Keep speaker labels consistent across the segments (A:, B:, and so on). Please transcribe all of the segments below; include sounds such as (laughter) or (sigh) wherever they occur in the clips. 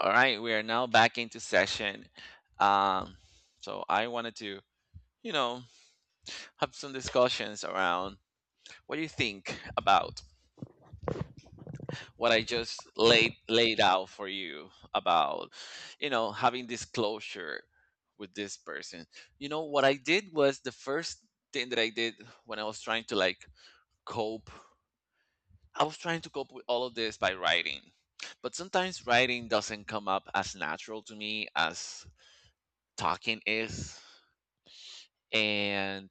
A: All right, we are now back into session. Um, so I wanted to, you know, have some discussions around what do you think about what I just laid out for you about, you know, having disclosure with this person. You know, what I did was the first thing that I did when I was trying to like cope. I was trying to cope with all of this by writing. But sometimes writing doesn't come up as natural to me as talking is and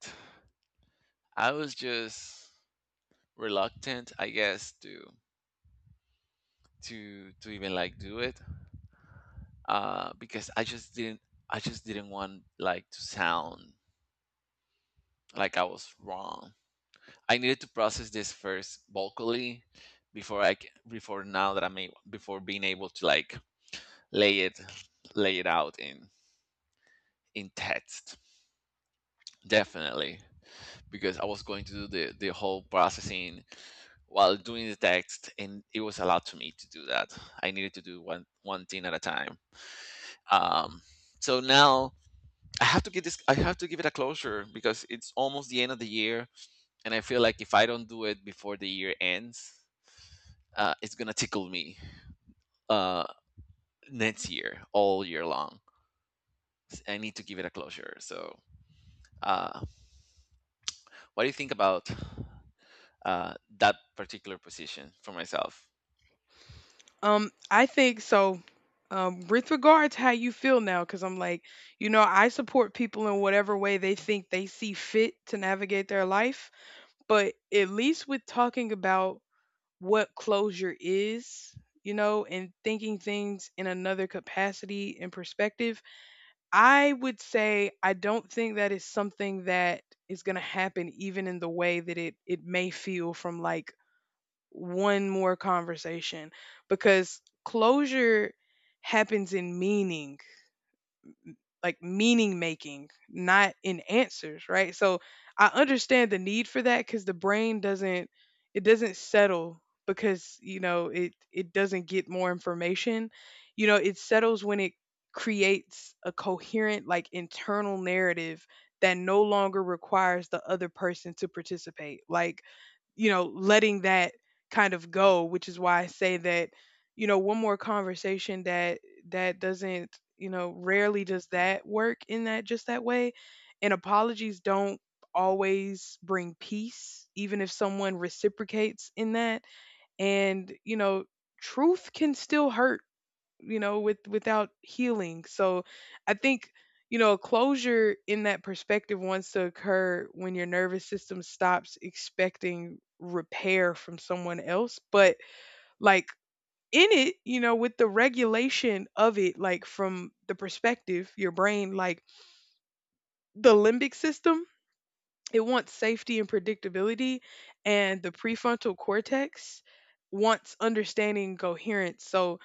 A: I was just reluctant, I guess, to even like do it because I just didn't. I just didn't want like to sound like I was wrong. I needed to process this first vocally before before now that I'm able, before being able to like lay it lay it out in text definitely because I was going to do the whole processing while doing the text and it was allowed to me to do that. I needed to do one thing at a time. Um, so now I have to get this. I have to give it a closure because it's almost the end of the year and I feel like if I don't do it before the year ends, it's gonna tickle me uh, next year all year long. I need to give it a closure, so uh, what do you think about that particular position for myself?
B: I think so. With regards how you feel now, because I'm like, I support people in whatever way they think they see fit to navigate their life. But at least with talking about what closure is, and thinking things in another capacity and perspective, I would say I don't think that is something that is going to happen even in the way that it may feel from like one more conversation, because closure happens in meaning, like meaning making, not in answers, right? So I understand the need for that, cuz the brain doesn't, it doesn't settle because, it doesn't get more information. It settles when it creates a coherent like internal narrative that no longer requires the other person to participate. Like letting that kind of go, which is why I say that, one more conversation that doesn't, rarely does that work in that just that way. And apologies don't always bring peace, even if someone reciprocates in that. And, truth can still hurt without healing. So I think closure in that perspective wants to occur when your nervous system stops expecting repair from someone else. But like in it, with the regulation of it, like from the perspective your brain, like the limbic system, it wants safety and predictability, and the prefrontal cortex wants understanding and coherence. So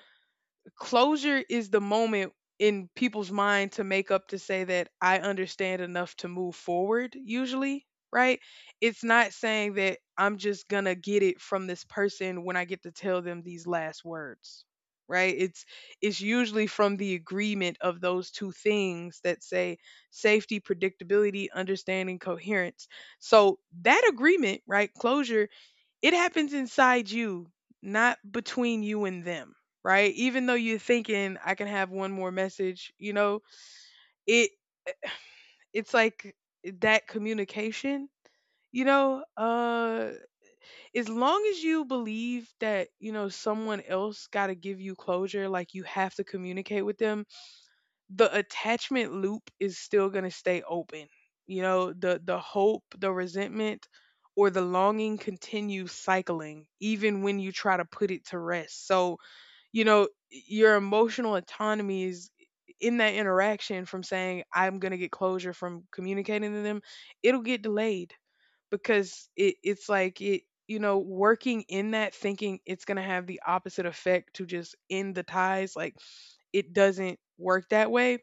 B: closure is the moment in people's mind to make up, to say that I understand enough to move forward, usually, right? It's not saying that I'm just gonna get it from this person when I get to tell them these last words. Right? It's usually from the agreement of those two things that say safety, predictability, understanding, coherence. So that agreement, right? Closure, it happens inside you, not between you and them, right? Even though you're thinking I can have one more message, it it's like that communication, you know, uh as long as you believe that, someone else got to give you closure, like you have to communicate with them, the attachment loop is still going to stay open. The hope, the resentment, or the longing continues cycling even when you try to put it to rest. So, your emotional autonomy is in that interaction. From saying I'm going to get closure from communicating to them, it'll get delayed because it's like it, working in that, thinking it's going to have the opposite effect to just end the ties, like it doesn't work that way.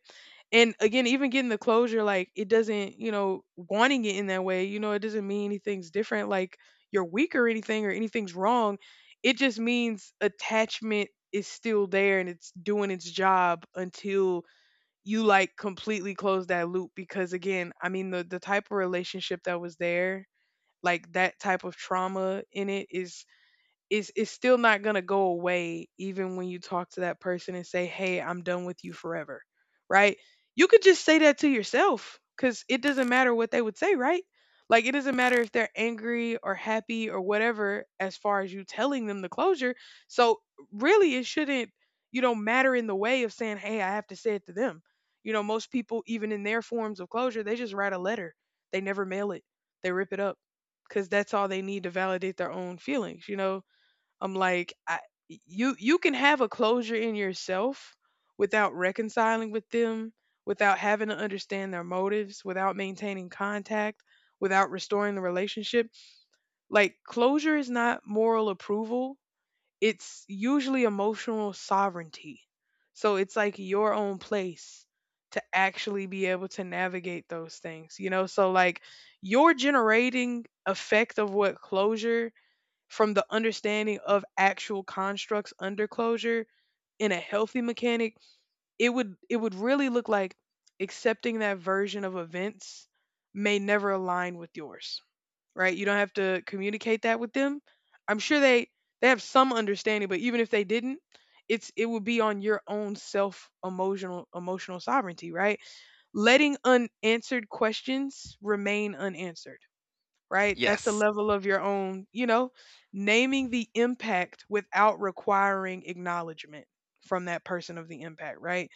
B: And again, even getting the closure, like it doesn't, wanting it in that way, it doesn't mean anything's different, like you're weak or anything, or anything's wrong. It just means attachment is still there and it's doing its job until you like completely close that loop. Because again, I mean the type of relationship that was there, like that type of trauma in it, is it's still not going to go away even when you talk to that person and say, "Hey, I'm done with you forever." Right? You could just say that to yourself, cuz it doesn't matter what they would say, right? Like it doesn't matter if they're angry or happy or whatever as far as you telling them the closure. So really it shouldn't, matter in the way of saying, "Hey, I have to say it to them." Most people, even in their forms of closure, they just write a letter. They never mail it. They rip it up because that's all they need to validate their own feelings, you know? I'm like, I, you can have a closure in yourself without reconciling with them, without having to understand their motives, without maintaining contact, without restoring the relationship. Like closure is not moral approval. It's usually emotional sovereignty. So it's like your own place to actually be able to navigate those things, you know? So like your generating effect of what closure from the understanding of actual constructs under closure in a healthy mechanic, it would really look like accepting that version of events may never align with yours. Right? You don't have to communicate that with them. I'm sure they have some understanding, but even if they didn't, it would be on your own self emotional sovereignty, right? Letting unanswered questions remain unanswered, right? That's a
A: Yes.
B: level of your own, naming the impact without requiring acknowledgement from that person of the impact, right?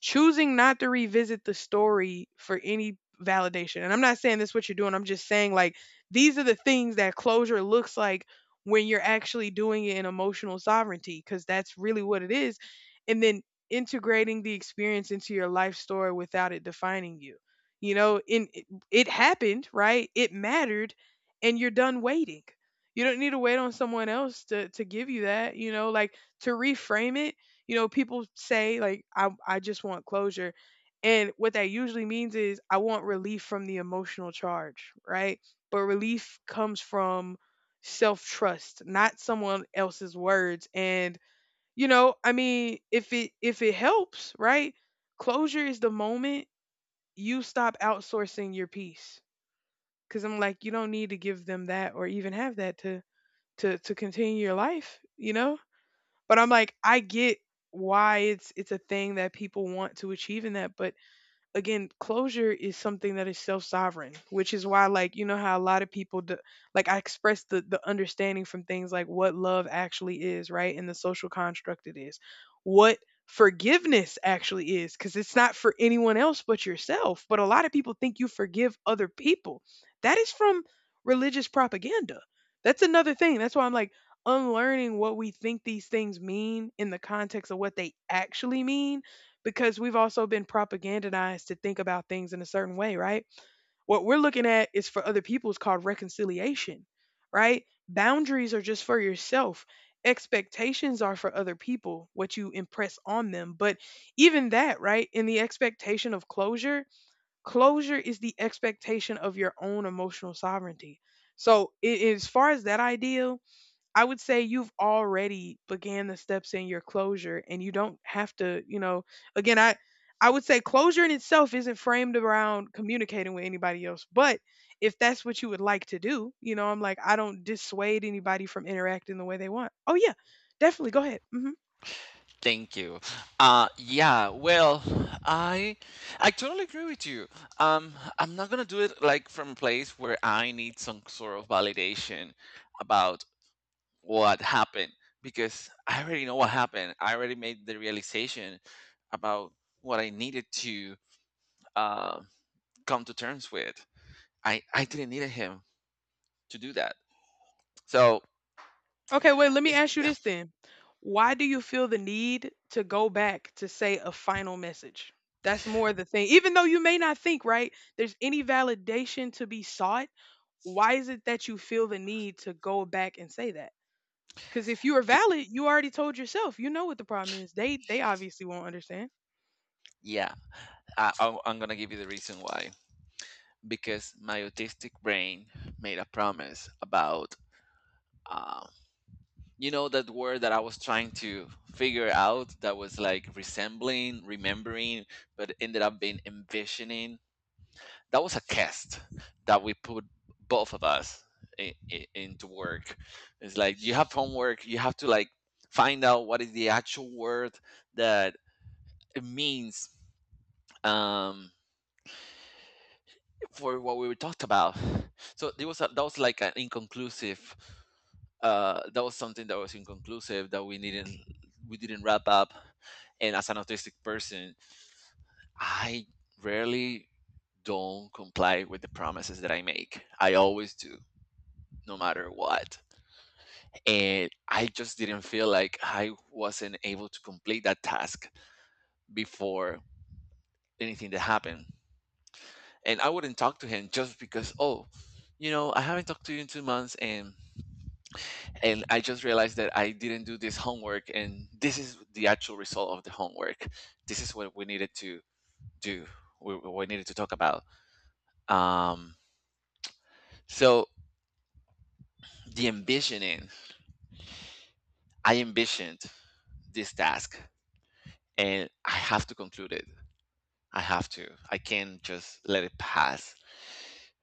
B: Choosing not to revisit the story for any validation. And I'm not saying that's what you're doing. I'm just saying like these are the things that closure looks like when you're actually doing it in emotional sovereignty, because that's really what it is. And then integrating the experience into your life story without it defining you. In it, it happened, right? It mattered, and you're done waiting. You don't need to wait on someone else to give you that, like, to reframe it. People say like I just want closure. And what that usually means is I want relief from the emotional charge, right? But relief comes from self-trust, not someone else's words. And I mean, if it helps, right? Closure is the moment you stop outsourcing your peace. Cause I'm like, you don't need to give them that or even have that to continue your life, you know? But I'm like, I get why it's a thing that people want to achieve in that. But again, closure is something that is self-sovereign, which is why, like, you know how a lot of people d like I express the understanding from things like what love actually is, right, and the social construct it is. What forgiveness actually is, because it's not for anyone else but yourself. But a lot of people think you forgive other people. That is from religious propaganda. That's another thing. That's why I'm like, unlearning what we think these things mean in the context of what they actually mean, because we've also been propagandized to think about things in a certain way, right? What we're looking at is, for other people, is called reconciliation, right? Boundaries are just for yourself. Expectations are for other people, what you impress on them. But even that, right? In the expectation of closure, closure is the expectation of your own emotional sovereignty. So, as far as that ideal, I would say you've already began the steps in your closure, and you don't have to, again, I would say closure in itself isn't framed around communicating with anybody else, but if that's what you would like to do, I'm like, I don't dissuade anybody from interacting the way they want. Oh yeah, definitely go ahead.
A: Thank you. Yeah, well, I I totally agree with you. Um, I'm not gonna do it like from a place where I need some sort of validation about what happened because I already know what happened. I already made the realization about what I needed to uh, come to terms with. I didn't need him to do that. So
B: Okay, wait, let me
A: it's
B: ask you this then. Why do you feel the need to go back to say a final message? That's more the thing. Even though you may not think, right, there's any validation to be sought, why is it that you feel the need to go back and say that? Because if you are
A: be-
B: valid, you already told yourself. You know what the problem is. They obviously won't understand.
A: yeah, I'm gonna give you the reason why. Because my autistic brain made a promise about, um, you know, that word that I was trying to figure out that was like resembling remembering but ended up being envisioning. That was a test that we put both of us into work. It's like you have homework, you have to like find out what is the actual word that it means, um, for what we talked about. So there was that was like an inconclusive, that was something that was inconclusive that we didn't wrap up. And as an autistic person, I rarely don't comply with the promises that I make. I always do, no matter what. And I just didn't feel like I wasn't able to complete that task before anything that happened. And I wouldn't talk to him just because, oh, you know, I haven't talked to you in 2 months. And I just realized that I didn't do this homework, and this is the actual result of the homework. This is what we needed to do. We needed to talk about. Um, so the ambitioning, I envisioned this task, and I have to conclude it. I have to. I can't just let it pass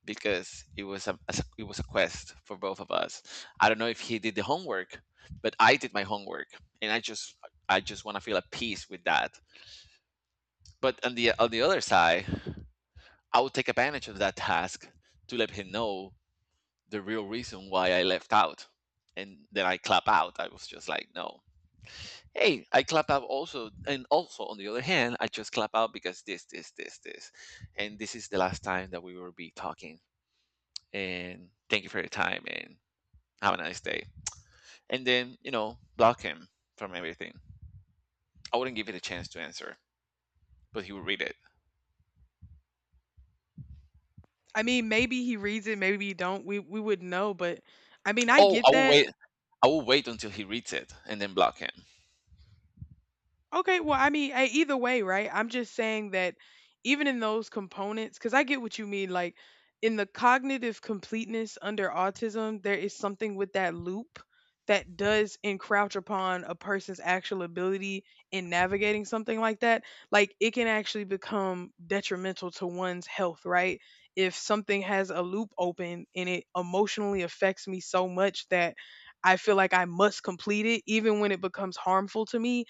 A: because it was a, it was a quest for both of us. I don't know if he did the homework, but I did my homework, and I just want to feel at peace with that. But on the other side, I would take advantage of that task to let him know the real reason why I left out. And then I clap out. I was just like, no. Hey, I clap out also and also on the other hand, I just clap out because this. And this is the last time that we will be talking. And thank you for your time and have a nice day. And then, you know, block him from everything. I wouldn't give it a chance to answer, but he would read it.
B: I mean, maybe he reads it, maybe he don't. We wouldn't know, but I mean, I
A: Oh,
B: get
A: I will
B: that.
A: wait I will wait until he reads it and then block him.
B: Okay, well, I mean, eh, either way, right? I'm just saying that even in those components, because I get what you mean, like in the cognitive completeness under autism, there is something with that loop that does encroach upon a person's actual ability in navigating something like that. Like it can actually become detrimental to one's health, right? If something has a loop open and it emotionally affects me so much that I feel like I must complete it, even when it becomes harmful to me,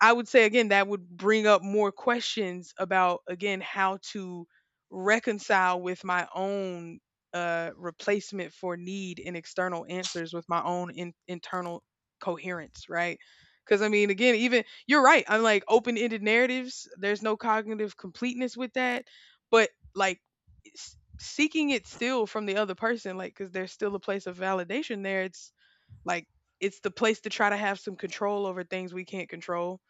B: I would say again that would bring up more questions about, again, how to reconcile with my own replacement for need and external answers with my own internal coherence, right? Because I mean, again, even you're right. I'm like, open ended narratives, there's no cognitive completeness with that, but like seeking it still from the other person, like, because there's still a place of validation there. It's like it's the place to try to have some control over things we can't control.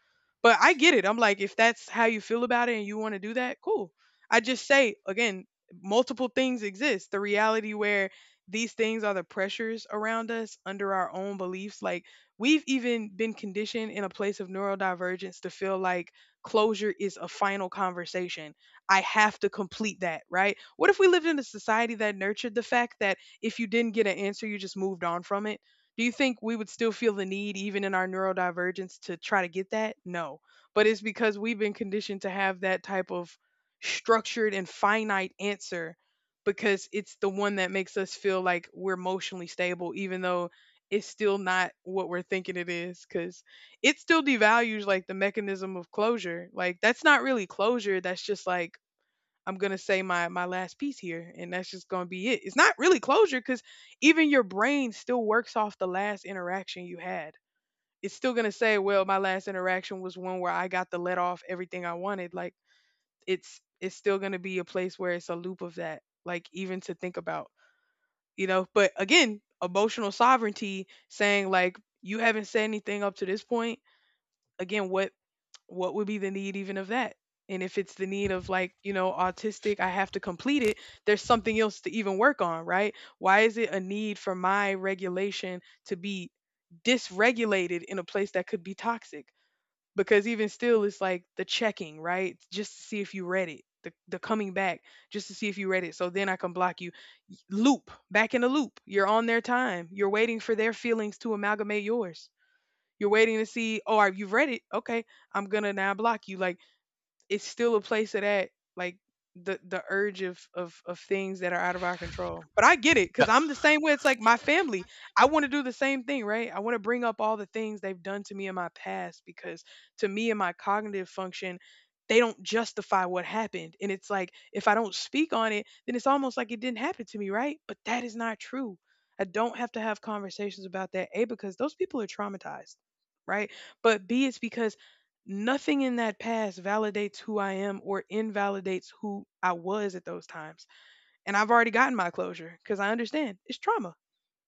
B: But I get it. I'm like, if that's how you feel about it and you want to do that, cool. I just say again, multiple things exist. The reality where these things are the pressures around us under our own beliefs. Like we've even been conditioned in a place of neurodivergence to feel like closure is a final conversation. I have to complete that, right? What if we lived in a society that nurtured the fact that if you didn't get an answer, you just moved on from it? Do you think we would still feel the need, even in our neurodivergence, to try to get that? No. But it's because we've been conditioned to have that type of structured and finite answer because it's the one that makes us feel like we're emotionally stable, even though it's still not what we're thinking it is. Because it still devalues like the mechanism of closure. Like, that's not really closure. That's just like, I'm gonna say my last piece here, and that's just gonna be it. It's not really closure because even your brain still works off the last interaction you had. It's still gonna say, well, my last interaction was one where I got to let off everything I wanted. Like it's still gonna be a place where it's a loop of that. Like even to think about. But again, emotional sovereignty saying like you haven't said anything up to this point. Again, what would be the need even of that? And if it's the need of like, you know, autistic, I have to complete it, there's something else to even work on, right? Why is it a need for my regulation to be dysregulated in a place that could be toxic? Because even still, it's like the checking, right? Just to see if you read it, the coming back, just to see if you read it. So then I can block you. Loop, back in the loop. You're on their time. You're waiting for their feelings to amalgamate yours. You're waiting to see, oh, are you've read it? Okay, I'm gonna now block you. Like it's still a place of that like the urge of of things that are out of our control. But I get it because I'm the same way. It's like my family. I want to do the same thing, right? I want to bring up all the things they've done to me in my past because to me and my cognitive function, they don't justify what happened. And it's like if I don't speak on it, then it's almost like it didn't happen to me, right? But that is not true. I don't have to have conversations about that. A, because those people are traumatized, right? But B, it's because nothing in that past validates who I am or invalidates who I was at those times. And I've already gotten my closure because I understand it's trauma.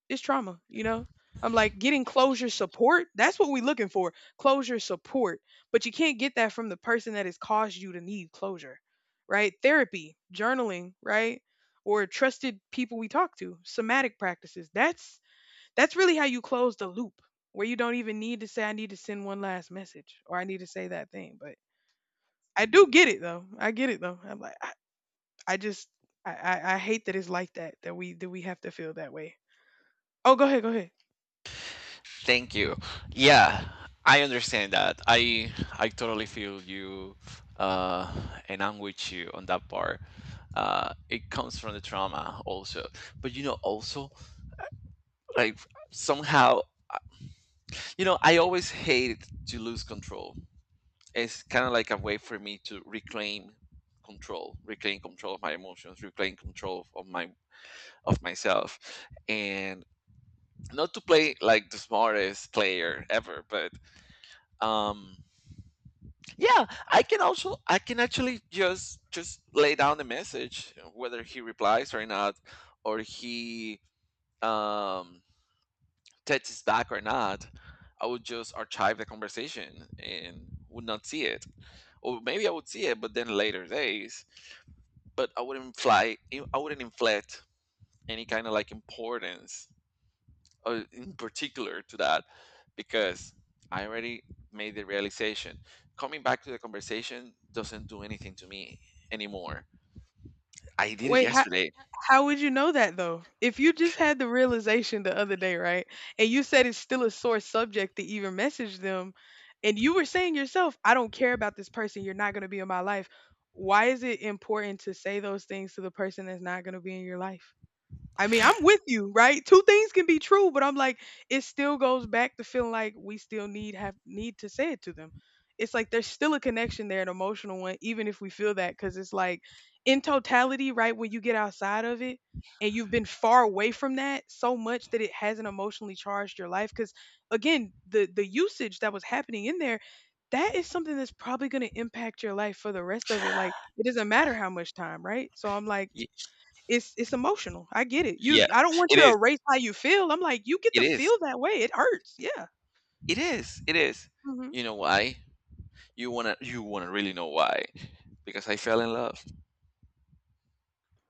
B: It's trauma, you know? I'm like getting closure support. That's what we're looking for, closure support. But you can't get that from the person that has caused you to need closure, right? Therapy, journaling, right? Or trusted people we talk to, somatic practices. That's really how you close the loop where you don't even need to say I need to send one last message or I need to say that thing. But I do get it though. I get it though. I'm like, I just, I hate that it's like that. That we have to feel that way. Oh, go ahead.
A: Thank you. Yeah, I understand that. I totally feel you, uh, and I'm with you on that part. It comes from the trauma also, but you know, also, like, somehow, you know, I always hated to lose control. It's kind of like a way for me to reclaim control of my emotions, reclaim control of my of myself, and not to play like the smartest player ever, but um yeah, I can also I can actually just lay down the message whether he replies or not, or he um texts back or not. I would just archive the conversation and would not see it, or maybe I would see it, but then later days. But I wouldn't fly. I wouldn't inflate any kind of like importance, in particular to that, because I already made the realization. Coming back to the conversation doesn't do anything to me anymore. I did it
B: Wait, how,
A: yesterday.
B: how would you know that though? If you just had the realization the other day, right? And you said it's still a sore subject to even message them, and you were saying yourself, I don't care about this person. You're not going to be in my life. Why is it important to say those things to the person that's not going to be in your life? I mean, I'm with you, right? Two things can be true, but I'm like, it still goes back to feeling like we still need have need to say it to them. It's like there's still a connection there, an emotional one, even if we feel that, because it's like in totality, right? When you get outside of it and you've been far away from that so much that it hasn't emotionally charged your life, because again, the usage that was happening in there, that is something that's probably going to impact your life for the rest of it. Like it doesn't matter how much time, right? So I'm like
A: Y-
B: it's emotional. I get it. You,
A: yeah,
B: I don't want
A: it
B: you to
A: is.
B: erase how you feel. I'm like, you get
A: It
B: to
A: is.
B: feel that way. It hurts. Yeah.
A: It is. It is.
B: Mhm.
A: You know why? You wanna. You wanna really know why? Because I fell in love.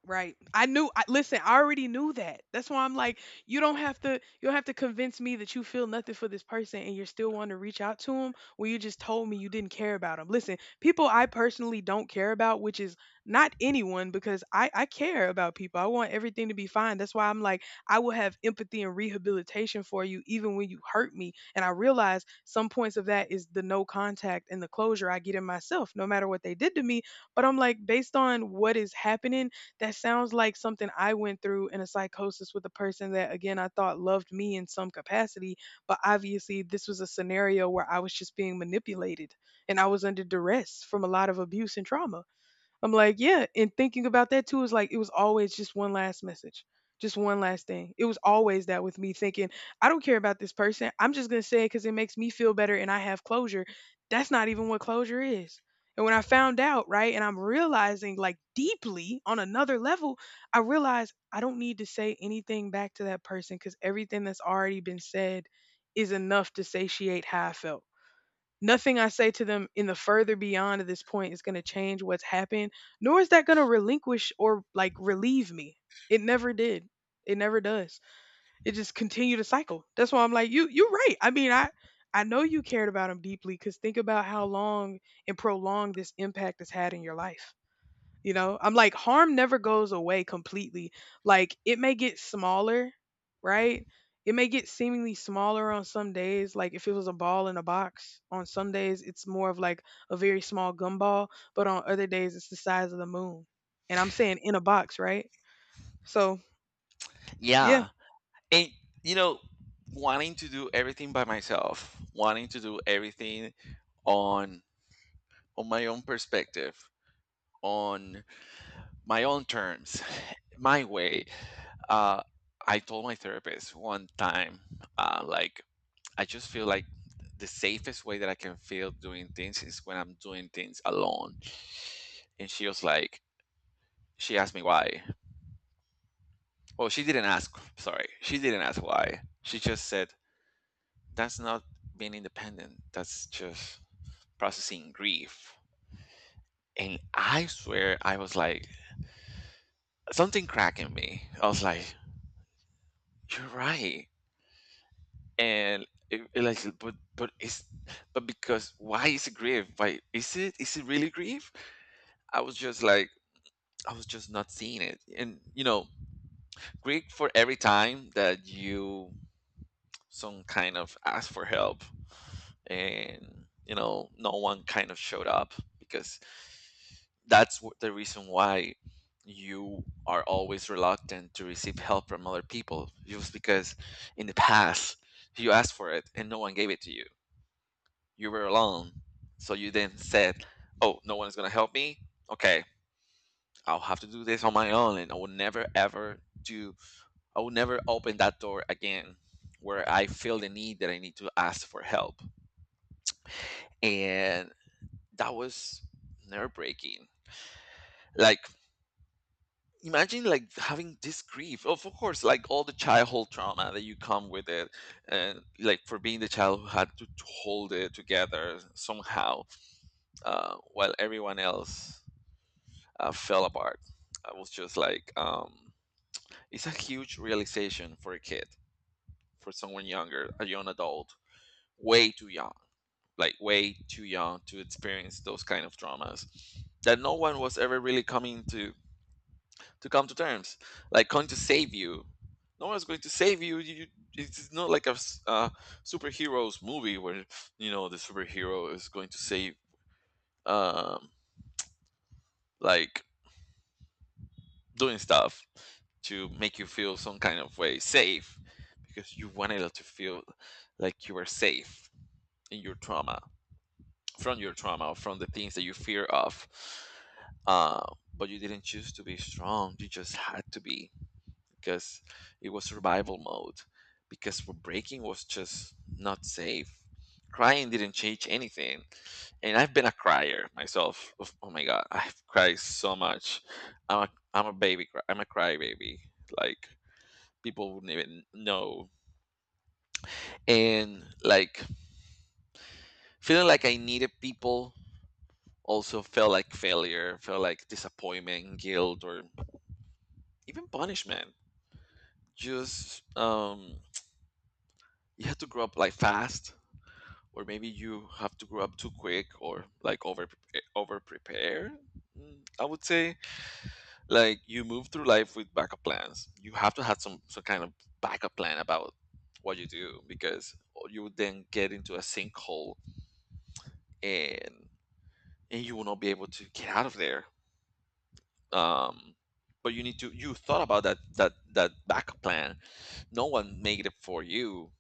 B: Right. I knew, I listen, I already knew that. That's why I'm like, you don't have to convince me that you feel nothing for this person and you're still wanting to reach out to him when you just told me you didn't care about him. Listen, people I personally don't care about, which is not anyone because I care about people. I want everything to be fine. That's why I'm like, I will have empathy and rehabilitation for you even when you hurt me. And I realize some points of that is the no contact and the closure I get in myself no matter what they did to me, but I'm like based on what is happening that sounds like something I went through in a psychosis with a person that, again, I thought loved me in some capacity. But obviously, this was a scenario where I was just being manipulated and I was under duress from a lot of abuse and trauma. I'm like, yeah. And thinking about that too is like, it was always just one last message, just one last thing. It was always that with me thinking, I don't care about this person. I'm just going to say it because it makes me feel better and I have closure. That's not even what closure is. And when I found out, right, and I'm realizing like deeply on another level, I realized I don't need to say anything back to that person because everything that's already been said is enough to satiate how I felt. Nothing I say to them in the further beyond of this point is going to change what's happened, nor is that going to relinquish or like relieve me. It never did. It never does. It just continued to cycle. That's why I'm like, you're right. I mean, I know you cared about him deeply because think about how long and prolonged this impact has had in your life. You know, I'm like, harm never goes away completely. Like, it may get smaller, right? It may get seemingly smaller on some days. Like, if it was a ball in a box, on some days it's more of like a very small gumball, but on other days it's the size of the moon. And I'm saying in a box, right? So, yeah.
A: Yeah, and you know, wanting to do everything by myself, wanting to do everything on on my own perspective, on my own terms, (laughs) my way. Uh, I told my therapist one time, like, I just feel like the safest way that I can feel doing things is when I'm doing things alone. And she was like, she asked me why. Well, she didn't ask, sorry. She didn't ask why. She just said, that's not being independent. That's just processing grief. And I swear, I was like, something cracked in me. I was like, you're right. And it like, but it's but because why is it grief? Why is it, is it really grief? I was just like, I was just not seeing it. And you know, grief for every time that you some kind of ask for help and you know no one kind of showed up. Because that's what the reason why you are always reluctant to receive help from other people just because in the past you asked for it and no one gave it to you. You were alone. So you then said, "Oh, no one is gonna help me. Okay, I'll have to do this on my own, and I will never ever do. I will never open that door again, where I feel the need that I need to ask for help." And that was nerve breaking. Like, imagine like having this grief of course like all the childhood trauma that you come with it, and like for being the child who had to hold it together somehow, while everyone else fell apart. I was just like, it's a huge realization for a kid, for someone younger, a young adult, way too young, like way too young to experience those kind of traumas that no one was ever really coming to come to terms, like going to save you. No one's going to save you. You, it's not like a superheroes movie where you know the superhero is going to save, um, like, doing stuff to make you feel some kind of way safe because you wanted to feel like you were safe in your trauma, from your trauma, from the things that you fear of, uh, but you didn't choose to be strong, you just had to be, because it was survival mode. Because for braking was just not safe. Crying didn't change anything. And I've been a crier myself. Oh my god, I've cried so much. I'm a baby cry, I'm a crybaby. Like, people wouldn't even know. And like feeling like I needed people also felt like failure, felt like disappointment, guilt, or even punishment. Just you had to grow up like fast, or maybe you have to grow up too quick, or like over prepare. I would say, like, you move through life with backup plans. You have to have some kind of backup plan about what you do, because you would then get into a sinkhole, and and you will not be able to get out of there. um but you need to, you thought about that that backup plan. No one made it for you.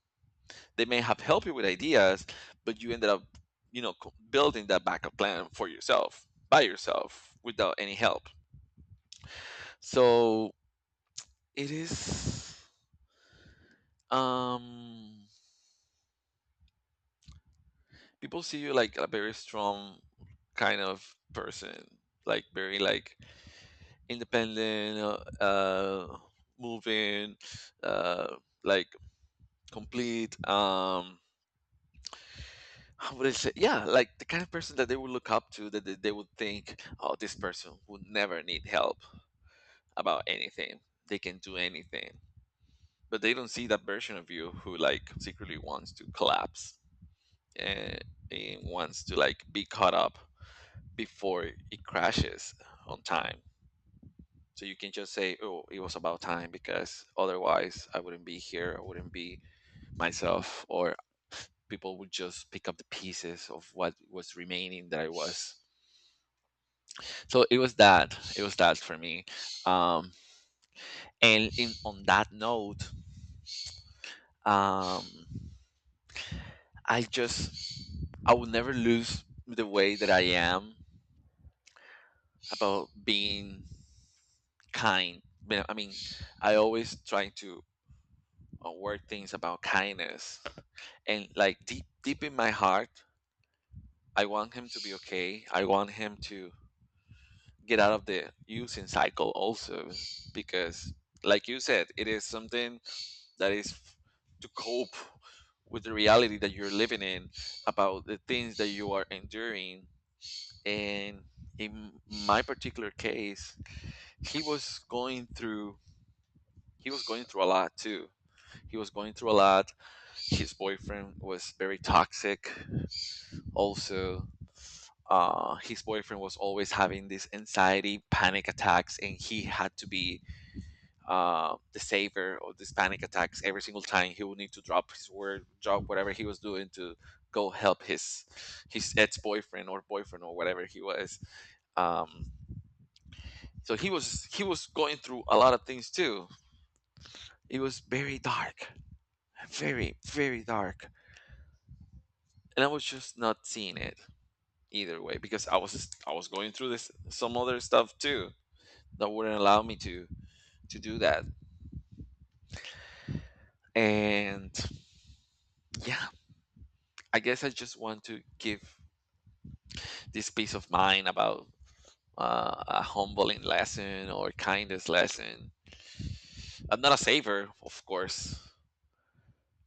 A: They may have helped you with ideas, but you ended up, you know, building that backup plan for yourself by yourself without any help. So it is, um people see you like a very strong kind of person, like very like independent, moving, uh like complete. How would I say? Yeah, like the kind of person that they would look up to, that they would think, oh, this person would never need help about anything. They can do anything, but they don't see that version of you who, like, secretly wants to collapse and, and wants to, like, be caught up before it crashes on time. So you can just say, "Oh, it was about time," because otherwise I wouldn't be here. I wouldn't be myself, or people would just pick up the pieces of what was remaining that I was. So it was that. It was that for me. Um, and on that note, um, I just I will never lose the way that I am about being kind. But, I mean, I always try to work things about kindness, and like deep in my heart, I want him to be okay. I want him to get out of the using cycle also, because like you said, it is something that is to cope with the reality that you're living in, about the things that you are enduring and in my particular case. he was going through he was going through a lot too. He was going through a lot his boyfriend was very toxic also. His boyfriend was always having this anxiety panic attacks and he had to be the savior of these panic attacks. Every single time he would need to drop his work, drop whatever he was doing to go help his ex-boyfriend or boyfriend or whatever he was. um, so he was going through a lot of things too. It was very dark, very dark, and I was just not seeing it either way, because I was going through this some other stuff too that wouldn't allow me to do that. And yeah, I guess I just want to give this peace of mind about a humbling lesson or kindness lesson. I'm not a saver, of course,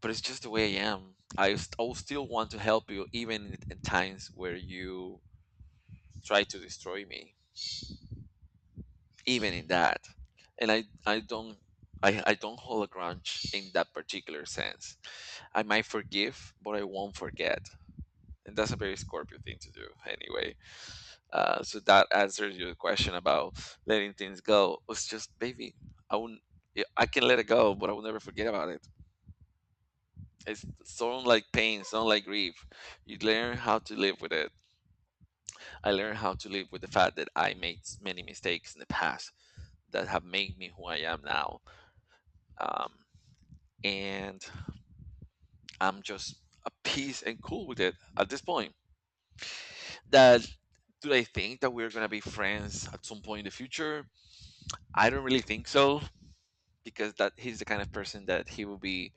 A: but it's just the way I am. I will still want to help you even in times where you try to destroy me, even in that. And I don't hold a grudge in that particular sense. I might forgive, but I won't forget. And that's a very Scorpio thing to do, anyway. So that answers your question about letting things go. It's just, baby, I won't, yeah, I can let it go, but I will never forget about it. It's so like pain, so like grief. You learn how to live with it. I learned how to live with the fact that I made many mistakes in the past that have made me who I am now. Um, and I'm just at peace and cool with it at this point. That do I think that we're gonna be friends at some point in the future? I don't really think so, because that he's the kind of person that he will be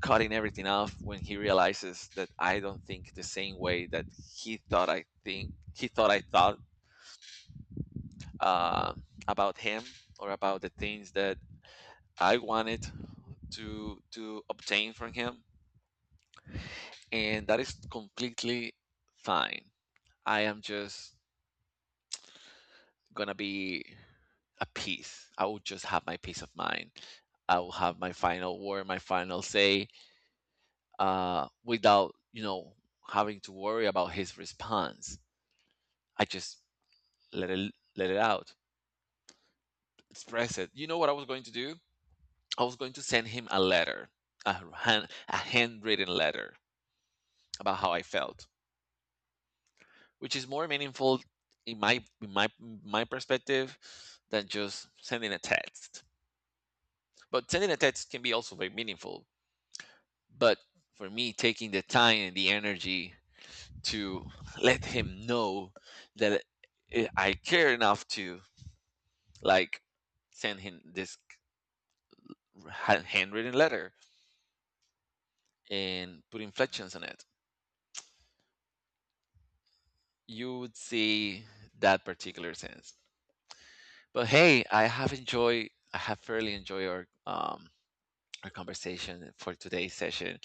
A: cutting everything off when he realizes that I don't think the same way that he thought I thought, uh, about him, or about the things that I wanted to obtain from him. And that is completely fine. I am just gonna be a peace. I will just have my peace of mind. I will have my final word, my final say, without having to worry about his response. I just let it out, express it. You know what I was going to do? I was going to send him a letter, a handwritten letter about how I felt, which is more meaningful in my my perspective than just sending a text. But sending a text can be also very meaningful. But for me, taking the time and the energy to let him know that I care enough to like send him this handwritten letter and put inflections on it, you would see that particular sense. But hey, I have enjoyed, I have fairly enjoyed our conversation for today's session,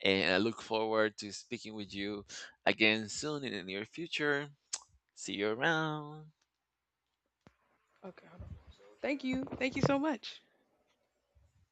A: and I look forward to speaking with you again soon in the near future. See you around.
B: Okay, hold on. Thank you. Thank you so much.